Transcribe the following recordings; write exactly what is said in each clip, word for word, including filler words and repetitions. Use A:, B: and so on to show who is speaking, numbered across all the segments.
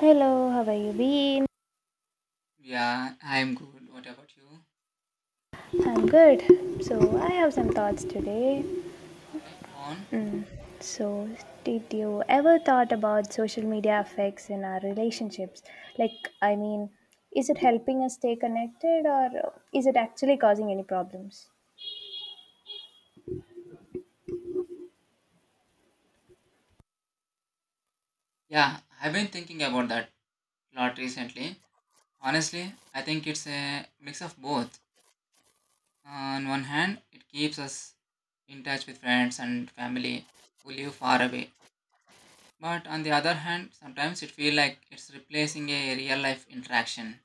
A: Hello, how are you been?
B: Yeah, I'm good. What about you?
A: I'm good. So, I have some thoughts today.
B: Okay, go on.
A: So, did you ever thought about social media effects in our relationships? Like, I mean, is it helping us stay connected or is it actually causing any problems?
B: Yeah, I've been thinking about that lot recently. Honestly, I think it's a mix of both. On one hand, it keeps us in touch with friends and family who live far away. But on the other hand, sometimes it feels like it's replacing a real life interaction.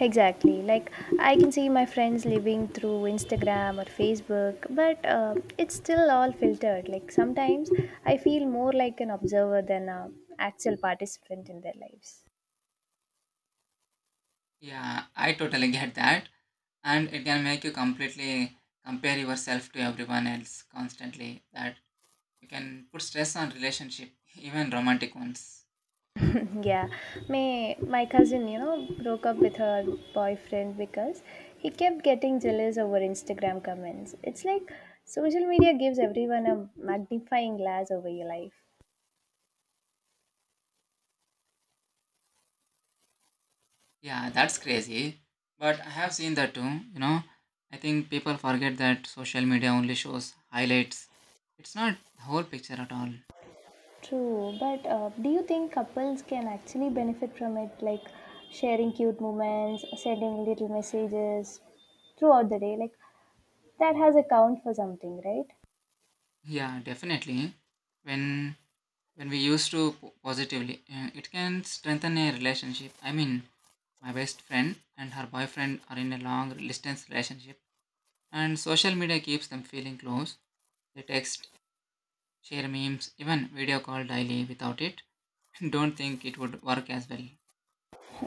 A: Exactly. Like, I can see my friends living through Instagram or Facebook, but uh, it's still all filtered. Like, sometimes I feel more like an observer than an actual participant in their lives.
B: Yeah, I totally get that. And it can make you completely compare yourself to everyone else constantly. That It can put stress on relationship, even romantic ones.
A: Yeah, my my cousin, you know, broke up with her boyfriend because he kept getting jealous over Instagram comments. It's like social media gives everyone a magnifying glass over your life.
B: Yeah, that's crazy. But I have seen that too, you know. I think people forget that social media only shows highlights. It's not the whole picture at all.
A: True, but uh, do you think couples can actually benefit from it, like sharing cute moments, sending little messages throughout the day? Like that has a count for something, right?
B: Yeah, definitely. When when we use to po- positively, uh, it can strengthen a relationship. I mean, my best friend and her boyfriend are in a long distance relationship, and social media keeps them feeling close. They text share memes, even video call daily without it. Don't think it would work as well.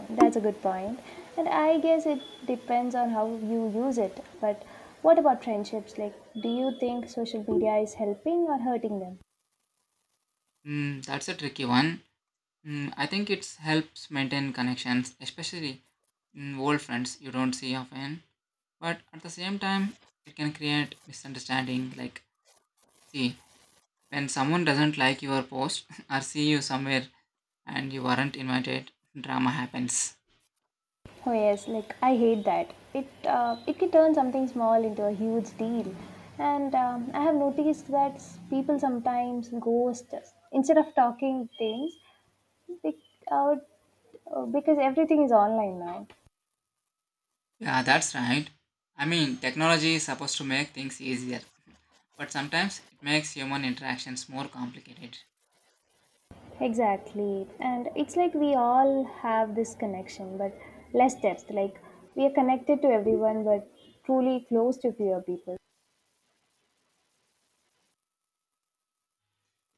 A: That's a good point. And I guess it depends on how you use it. But what about friendships? Like, do you think social media is helping or hurting them?
B: Mm, that's a tricky one. Mm, I think it helps maintain connections, especially mm, old friends you don't see often. But at the same time, it can create misunderstanding. Like, see, when someone doesn't like your post or see you somewhere and you weren't invited, drama happens.
A: Oh yes, like I hate that. It uh, it can turn something small into a huge deal. And um, I have noticed that s- people sometimes ghost instead of talking things bec- uh, uh, because everything is online now.
B: Yeah, that's right. I mean, technology is supposed to make things easier, but sometimes it makes human interactions more complicated.
A: Exactly. And it's like we all have this connection, but less depth. Like we are connected to everyone, but truly close to fewer people.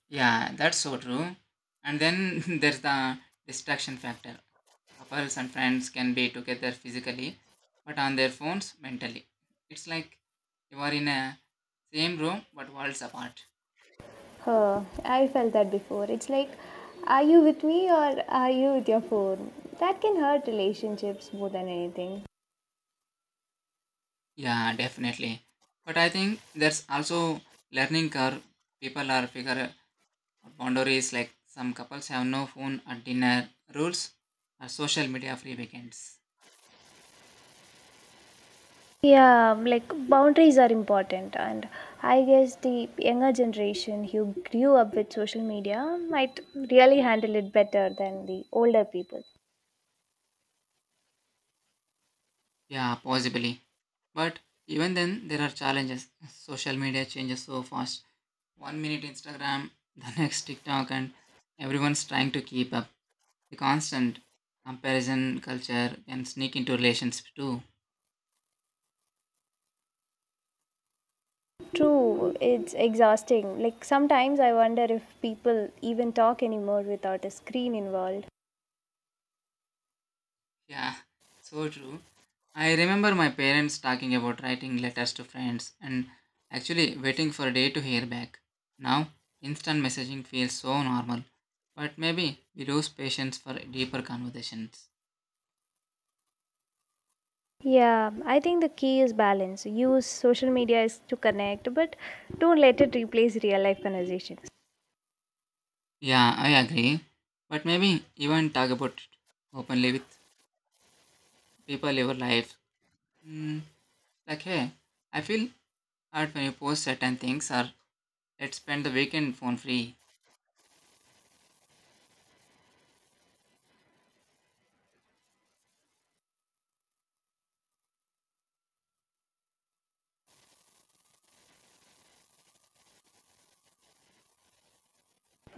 B: Yeah, that's so true. And then there's the distraction factor. Couples and friends can be together physically, but on their phones mentally. It's like you are in a same room but worlds apart.
A: Huh, I felt that before. It's like, are you with me or are you with your phone? That can hurt relationships more than anything.
B: Yeah, definitely. But I think there's also learning curve. People are figure out boundaries. Like some couples have no phone at dinner rules or social media free weekends.
A: Yeah, like boundaries are important, and I guess the younger generation who grew up with social media might really handle it better than the older people.
B: Yeah, possibly. But even then, there are challenges. Social media changes so fast. One minute Instagram, the next TikTok, and everyone's trying to keep up. The constant comparison culture can sneak into relations too.
A: True, it's exhausting. Like sometimes I wonder if people even talk anymore without a screen involved.
B: Yeah, so true. I remember my parents talking about writing letters to friends and actually waiting for a day to hear back. Now, instant messaging feels so normal, but maybe we lose patience for deeper conversations.
A: Yeah, I think the key is balance. Use social media is to connect, but don't let it replace real life conversations.
B: Yeah, I agree. But maybe even talk about it openly with people in your life. Mm, Like, hey, I feel hard when you post certain things or let's spend the weekend phone free.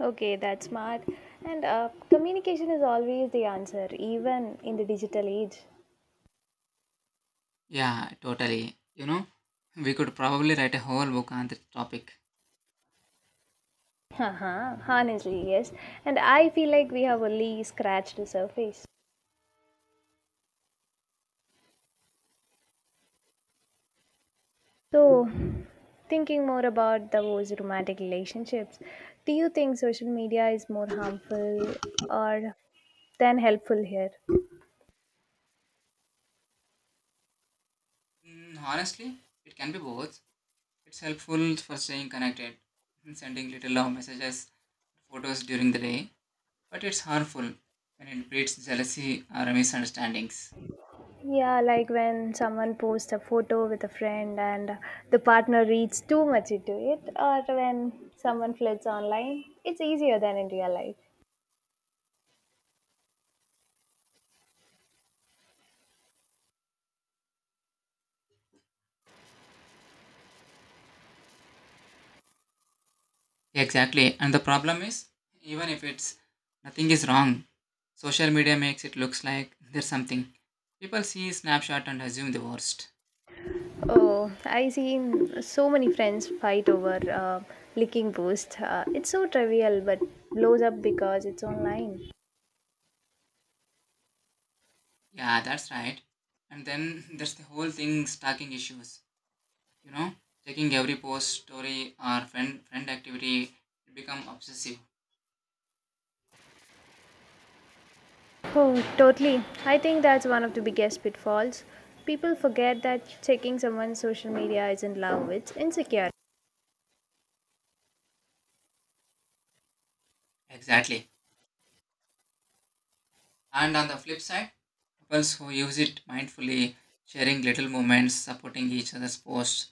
A: Okay, that's smart. And uh, communication is always the answer, even in the digital age.
B: Yeah, totally. You know, we could probably write a whole book on this topic.
A: Haha, honestly, yes. And I feel like we have only scratched the surface. So, thinking more about those romantic relationships, do you think social media is more harmful or than helpful here?
B: Mm, honestly, it can be both. It's helpful for staying connected, sending little love messages, photos during the day, but it's harmful when it breeds jealousy or misunderstandings.
A: Yeah, like when someone posts a photo with a friend and the partner reads too much into it, or when someone flirts online, it's easier than in real life.
B: Exactly. And the problem is, even if it's nothing is wrong, social media makes it looks like there's something. People see snapshot and assume the worst.
A: Oh, I see so many friends fight over uh, licking post. Uh, it's so trivial but blows up because it's online.
B: Yeah, that's right. And then there's the whole thing stalking issues. You know, checking every post, story, or friend friend activity, it become obsessive.
A: Oh, totally. I think that's one of the biggest pitfalls. People forget that checking someone's social media isn't love, it's insecure.
B: Exactly. And on the flip side, couples who use it mindfully, sharing little moments, supporting each other's posts,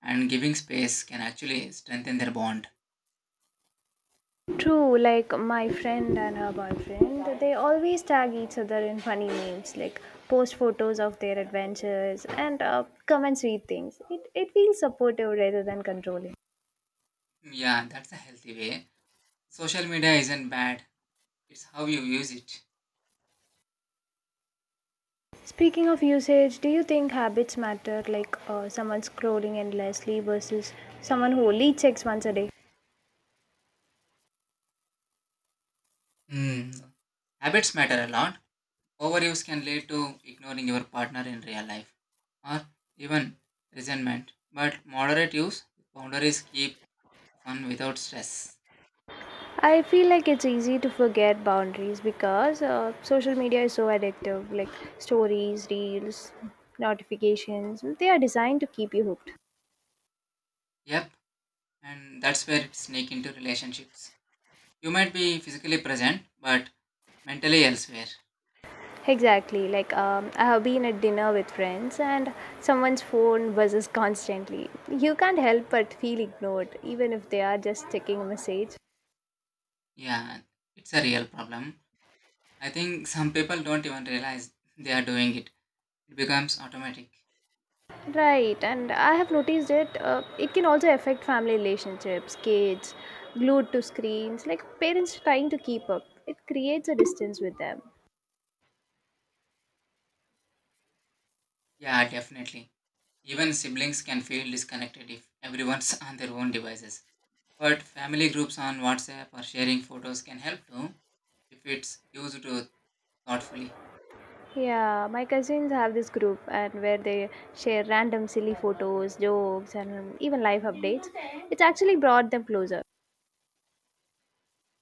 B: and giving space can actually strengthen their bond.
A: True, like my friend and her boyfriend, they always tag each other in funny memes, like post photos of their adventures and uh, comment sweet things. It, it feels supportive rather than controlling.
B: Yeah, that's a healthy way. Social media isn't bad. It's how you use it.
A: Speaking of usage, do you think habits matter, like uh, someone scrolling endlessly versus someone who only checks once a day?
B: Hmm. Habits matter a lot. Overuse can lead to ignoring your partner in real life or even resentment. But moderate use, boundaries keep fun without stress.
A: I feel like it's easy to forget boundaries because uh, social media is so addictive. Like stories, reels, notifications, they are designed to keep you hooked.
B: Yep, and that's where it sneak into relationships. You might be physically present, but mentally elsewhere.
A: Exactly. Like um, I have been at dinner with friends and someone's phone buzzes constantly. You can't help but feel ignored, even if they are just checking a message.
B: Yeah, it's a real problem. I think some people don't even realize they are doing it. It becomes automatic.
A: Right, and I have noticed it. Uh, it can also affect family relationships, kids glued to screens, like parents trying to keep up. It creates a distance with them.
B: Yeah, definitely. Even siblings can feel disconnected if everyone's on their own devices. But family groups on WhatsApp or sharing photos can help too if it's used to thoughtfully.
A: Yeah, my cousins have this group and where they share random silly photos, jokes, and even life updates. It's actually brought them closer.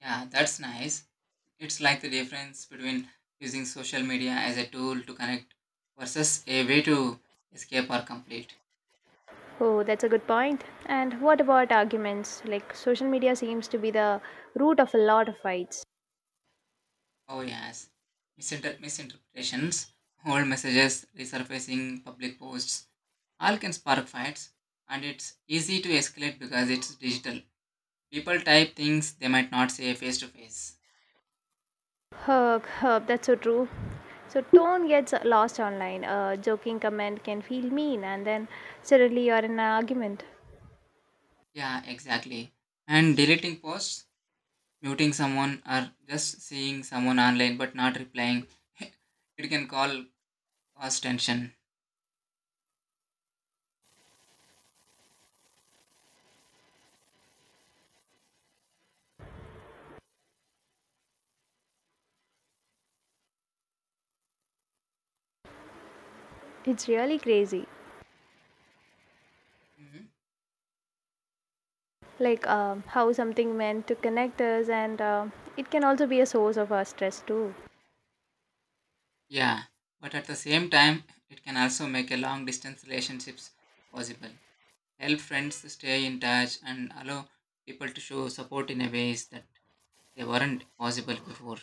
B: Yeah, that's nice. It's like the difference between using social media as a tool to connect versus a way to escape or complete.
A: Oh, that's a good point. And what about arguments? Like social media seems to be the root of a lot of fights.
B: Oh, yes. Misinter- misinterpretations, old messages, resurfacing, public posts, all can spark fights. And it's easy to escalate because it's digital. People type things they might not say face to face.
A: Herb, herb, that's so true. So tone gets lost online. A joking comment can feel mean, and then suddenly you're in an argument.
B: Yeah, exactly, and deleting posts muting someone or just seeing someone online but not replying it can call cause tension.
A: It's really crazy.
B: Mhm.
A: Like um, how something meant to connect us, and um it can also be a source of our stress too.
B: Yeah, but at the same time it can also make a long distance relationships possible, help friends to stay in touch and allow people to show support in a ways that they weren't possible before.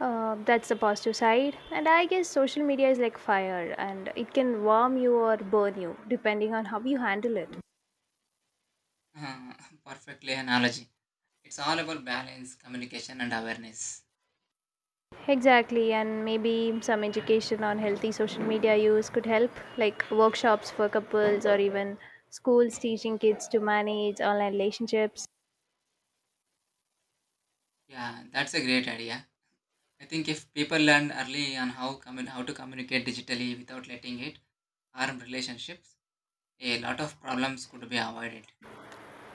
A: Uh, that's the positive side. And I guess social media is like fire, and it can warm you or burn you, depending on how you handle it.
B: Uh, perfectly analogy, it's all about balance communication and awareness.
A: Exactly, and maybe some education on healthy social media use could help, like workshops for couples or even schools teaching kids to manage online relationships.
B: Yeah, that's a great idea. I think if people learn early on how commun- how to communicate digitally without letting it harm relationships, a lot of problems could be avoided.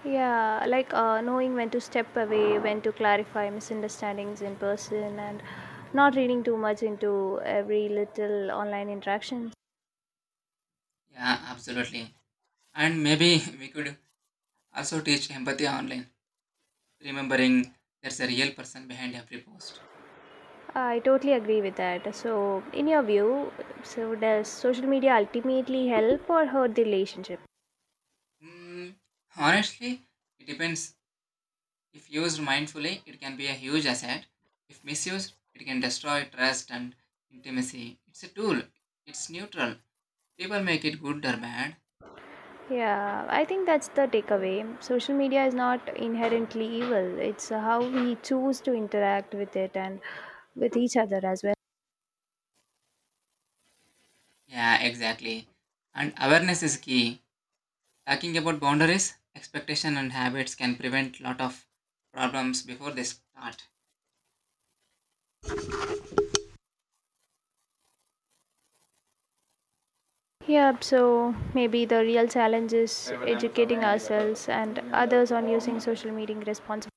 A: Yeah, like uh, knowing when to step away, when to clarify misunderstandings in person, and not reading too much into every little online interaction.
B: Yeah, absolutely. And maybe we could also teach empathy online, remembering there's a real person behind every post.
A: I totally agree with that. So, in your view, so does social media ultimately help or hurt the relationship?
B: Hmm, honestly, it depends. If used mindfully, it can be a huge asset. If misused, it can destroy trust and intimacy. It's a tool, it's neutral. People make it good or bad.
A: Yeah, I think that's the takeaway. Social media is not inherently evil, it's how we choose to interact with it and with each other as well.
B: Yeah, exactly. And awareness is key. Talking about boundaries, expectation and habits can prevent lot of problems before they start.
A: Yeah, so maybe the real challenge is educating ourselves and others on using social media responsibly.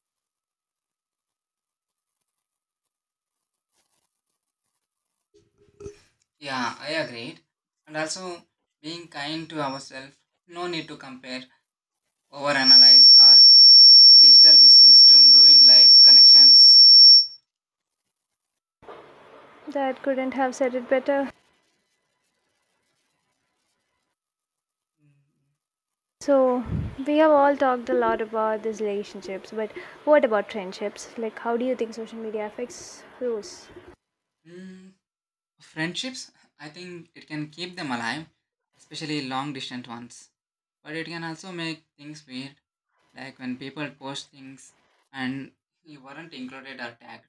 B: Yeah, I agreed. And also being kind to ourselves, no need to compare, overanalyze or digital misunderstanding ruin life connections.
A: That couldn't have said it better. So, we have all talked a lot about these relationships, but what about friendships? Like, how do you think social media affects those?
B: Mm, friendships, I think it can keep them alive, especially long distance ones. But it can also make things weird, like when people post things and you weren't included or tagged.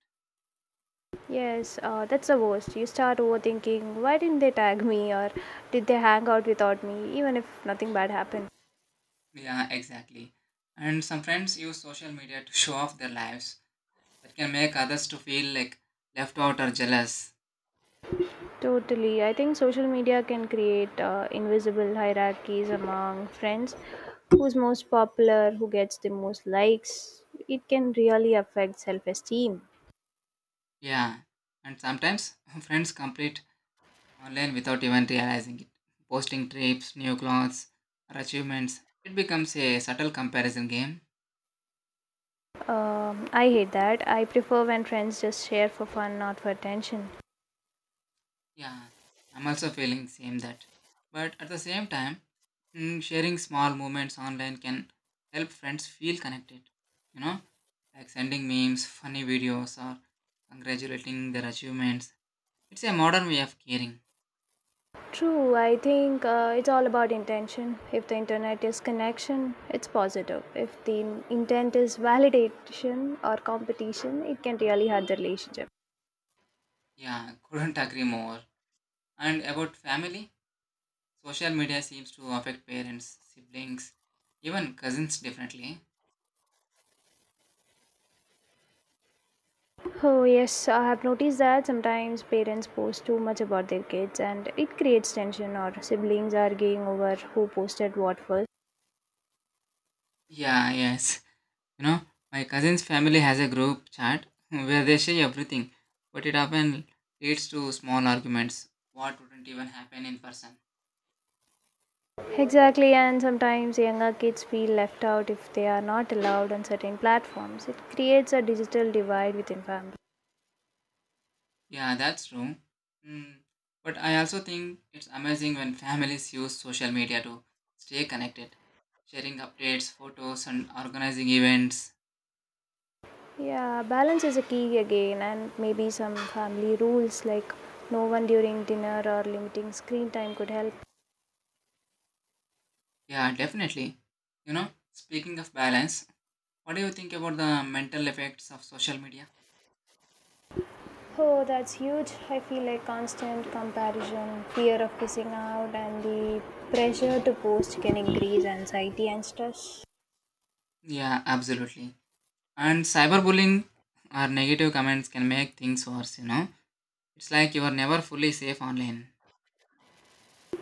A: Yes, uh, that's the worst. You start overthinking why didn't they tag me or did they hang out without me, even if nothing bad happened.
B: Yeah, exactly. And some friends use social media to show off their lives that can make others to feel like left out or jealous.
A: Totally. I think social media can create uh, invisible hierarchies among friends. Who's most popular, who gets the most likes. It can really affect self esteem.
B: Yeah. And sometimes friends complete online without even realizing it. Posting trips, new clothes, or achievements. It becomes a subtle comparison game.
A: Um, I hate that. I prefer when friends just share for fun, not for attention.
B: Yeah. I'm also feeling same that. But at the same time, mm, sharing small moments online can help friends feel connected. You know? Like sending memes, funny videos, or congratulating their achievements. It's a modern way of caring.
A: True, I think uh, it's all about intention. If the internet is connection, it's positive. If the in- intent is validation or competition, it can really hurt the relationship.
B: Yeah, couldn't agree more. And about family, social media seems to affect parents, siblings, even cousins differently.
A: Oh, yes, I have noticed that sometimes parents post too much about their kids and it creates tension, or siblings arguing over who posted what first.
B: Yeah, yes. You know, my cousin's family has a group chat where they share everything, but it often leads to small arguments. What wouldn't even happen in person?
A: Exactly, and sometimes younger kids feel left out if they are not allowed on certain platforms. It creates a digital divide within families.
B: Yeah, that's true. Mm. But I also think it's amazing when families use social media to stay connected, sharing updates, photos, and organizing events.
A: Yeah, balance is a key again, and maybe some family rules like no one during dinner or limiting screen time could help.
B: Yeah, definitely. You know, speaking of balance, what do you think about the mental effects of social media?
A: Oh, that's huge. I feel like constant comparison, fear of missing out, and the pressure to post can increase anxiety and stress.
B: Yeah, absolutely. And cyberbullying or negative comments can make things worse, you know. It's like you are never fully safe online.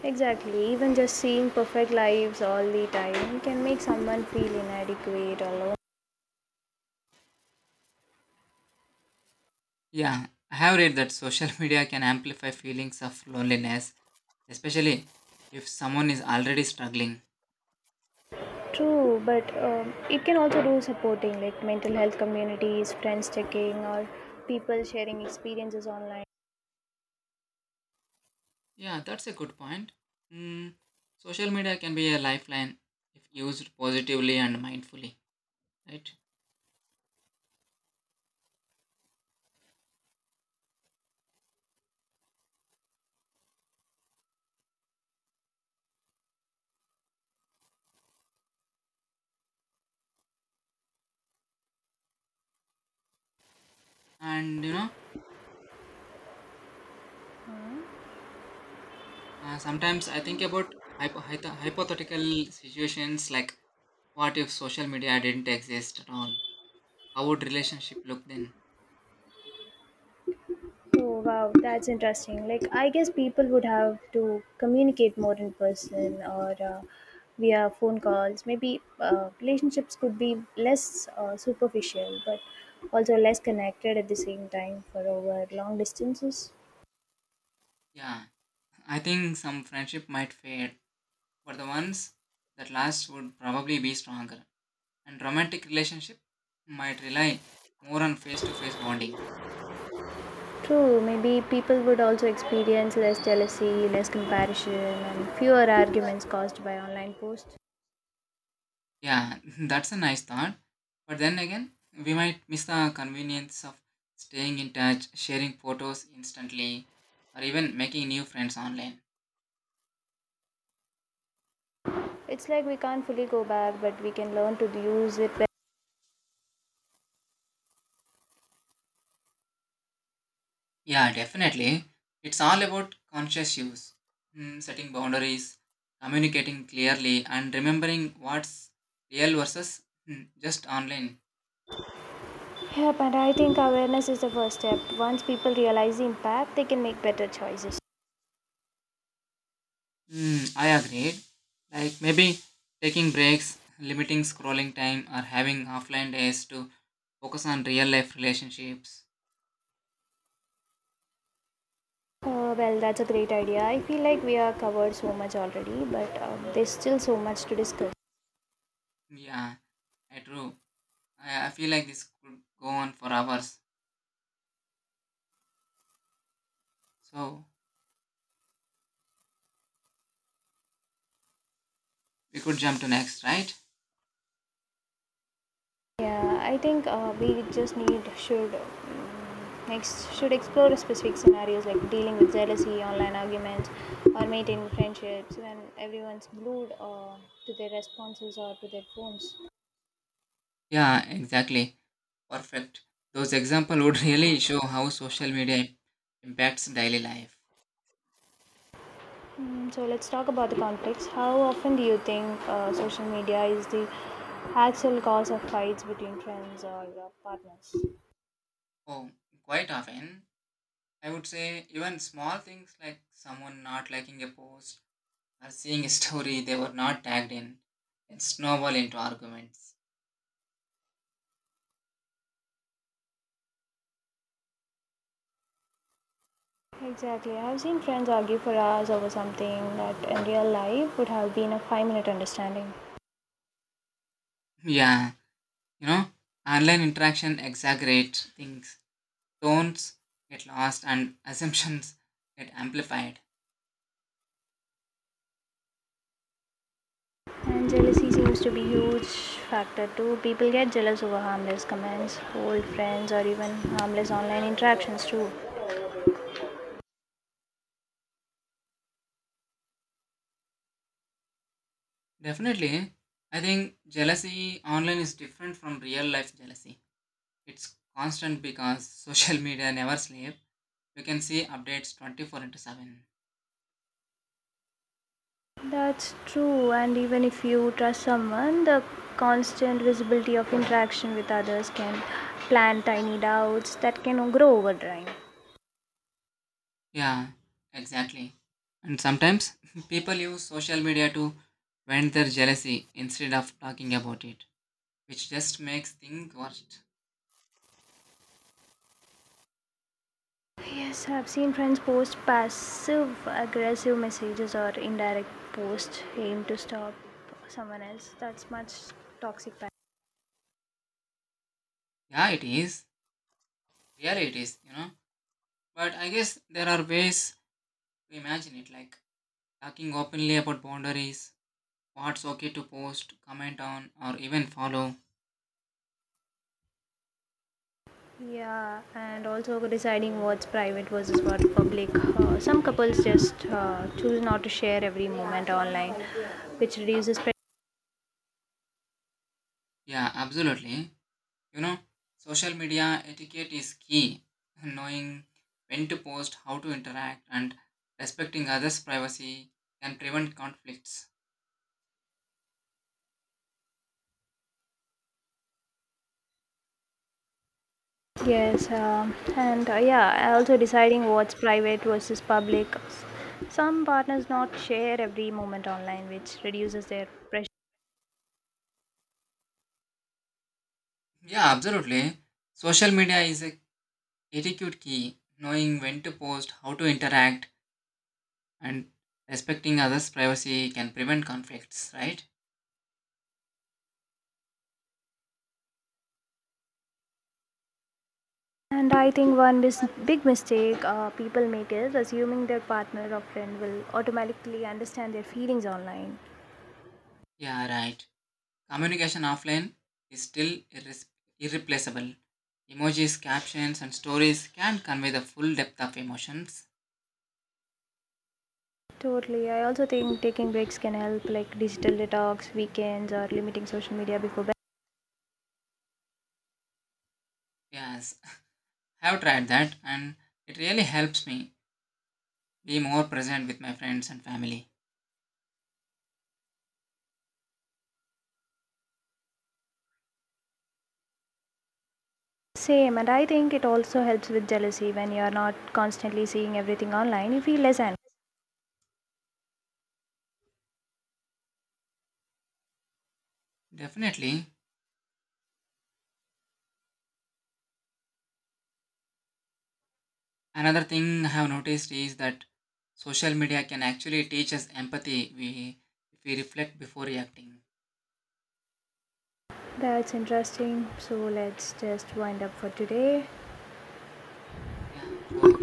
A: Exactly, even just seeing perfect lives all the time can make someone feel inadequate or lonely.
B: Yeah, I have read that social media can amplify feelings of loneliness, especially if someone is already struggling.
A: True, but um, it can also do supporting like mental health communities, friends checking, or people sharing experiences online.
B: Yeah, that's a good point. Mm, social media can be a lifeline if used positively and mindfully, right? And you know, uh, sometimes I think about hypo- hypo- hypothetical situations like what if social media didn't exist at all? How would relationship look then?
A: Oh wow, that's interesting. Like I guess people would have to communicate more in person or uh, via phone calls. Maybe uh, relationships could be less uh, superficial, but also less connected at the same time for over long distances.
B: Yeah, I think some friendship might fade but the ones that last would probably be stronger. And romantic relationship might rely more on face-to-face bonding.
A: True, maybe people would also experience less jealousy, less comparison, and fewer arguments caused by online posts.
B: Yeah, that's a nice thought. But then again, we might miss the convenience of staying in touch, sharing photos instantly, or even making new friends online.
A: It's like we can't fully go back, but we can learn to use it better.
B: Yeah, definitely. It's all about conscious use, Mm, setting boundaries, communicating clearly, and remembering what's real versus mm, just online.
A: Yep, and I think awareness is the first step. Once people realize the impact, they can make better choices.
B: Mm, I agreed. Like maybe taking breaks, limiting scrolling time, or having offline days to focus on real life relationships.
A: Uh, well, that's a great idea. I feel like we are covered so much already, but um, there's still so much to discuss.
B: Yeah, I true. I, I feel like this could go on for hours. So we could jump to next, right?
A: Yeah, I think uh, we just need should mm, next should explore specific scenarios like dealing with jealousy, online arguments, or maintaining friendships when everyone's glued uh, to their responses or to their phones.
B: Yeah, exactly. Perfect. Those examples would really show how social media impacts daily life.
A: Mm, so let's talk about the conflicts. How often do you think uh, social media is the actual cause of fights between friends or uh, partners?
B: Oh, quite often. I would say even small things like someone not liking a post or seeing a story they were not tagged in, it snowball into arguments.
A: Exactly. I've seen friends argue for hours over something that in real life would have been a five minute understanding.
B: Yeah, you know, online interaction exaggerates things, tones get lost, and assumptions get amplified.
A: And jealousy seems to be huge factor too. People get jealous over harmless comments, old friends, or even harmless online interactions too.
B: Definitely, I think jealousy online is different from real life jealousy. It's constant because social media never sleep. You can see updates twenty-four into 7.
A: That's true. And even if you trust someone, the constant visibility of interaction with others can plant tiny doubts that can grow over time.
B: Yeah, exactly. And sometimes people use social media to vent their jealousy instead of talking about it, which just makes things worse.
A: Yes, I've seen friends post passive aggressive messages or indirect posts aimed to stop someone else. That's much toxic.
B: Yeah, it is. Really, it is, you know. But I guess there are ways to imagine it, like talking openly about boundaries, what's okay to post, comment on, or even follow.
A: Yeah, and also deciding what's private versus what public. Uh, some couples just uh, choose not to share every moment online, which reduces. Pre-
B: Yeah, absolutely. You know, social media etiquette is key. Knowing when to post, how to interact, and respecting others' privacy can prevent conflicts.
A: yes, um, and uh, yeah, also deciding what's private versus public. Some partners not share every moment online, which reduces their pressure.
B: Yeah, absolutely. Social media is a etiquette key. Knowing when to post, how to interact, and respecting others' privacy can prevent conflicts, right?
A: And I think one mis- big mistake uh, people make is assuming their partner or friend will automatically understand their feelings online.
B: Yeah, right. Communication offline is still irres- irreplaceable. Emojis, captions, and stories can convey the full depth of emotions.
A: Totally. I also think taking breaks can help, like digital detox, weekends, or limiting social media before bed.
B: Yes, I have tried that and it really helps me be more present with my friends and family.
A: Same, and I think it also helps with jealousy when you are not constantly seeing everything online. You feel less angry.
B: Definitely. Another thing I have noticed is that social media can actually teach us empathy we, if we reflect before reacting.
A: That's interesting. So let's just wind up for today.
B: Yeah, sure.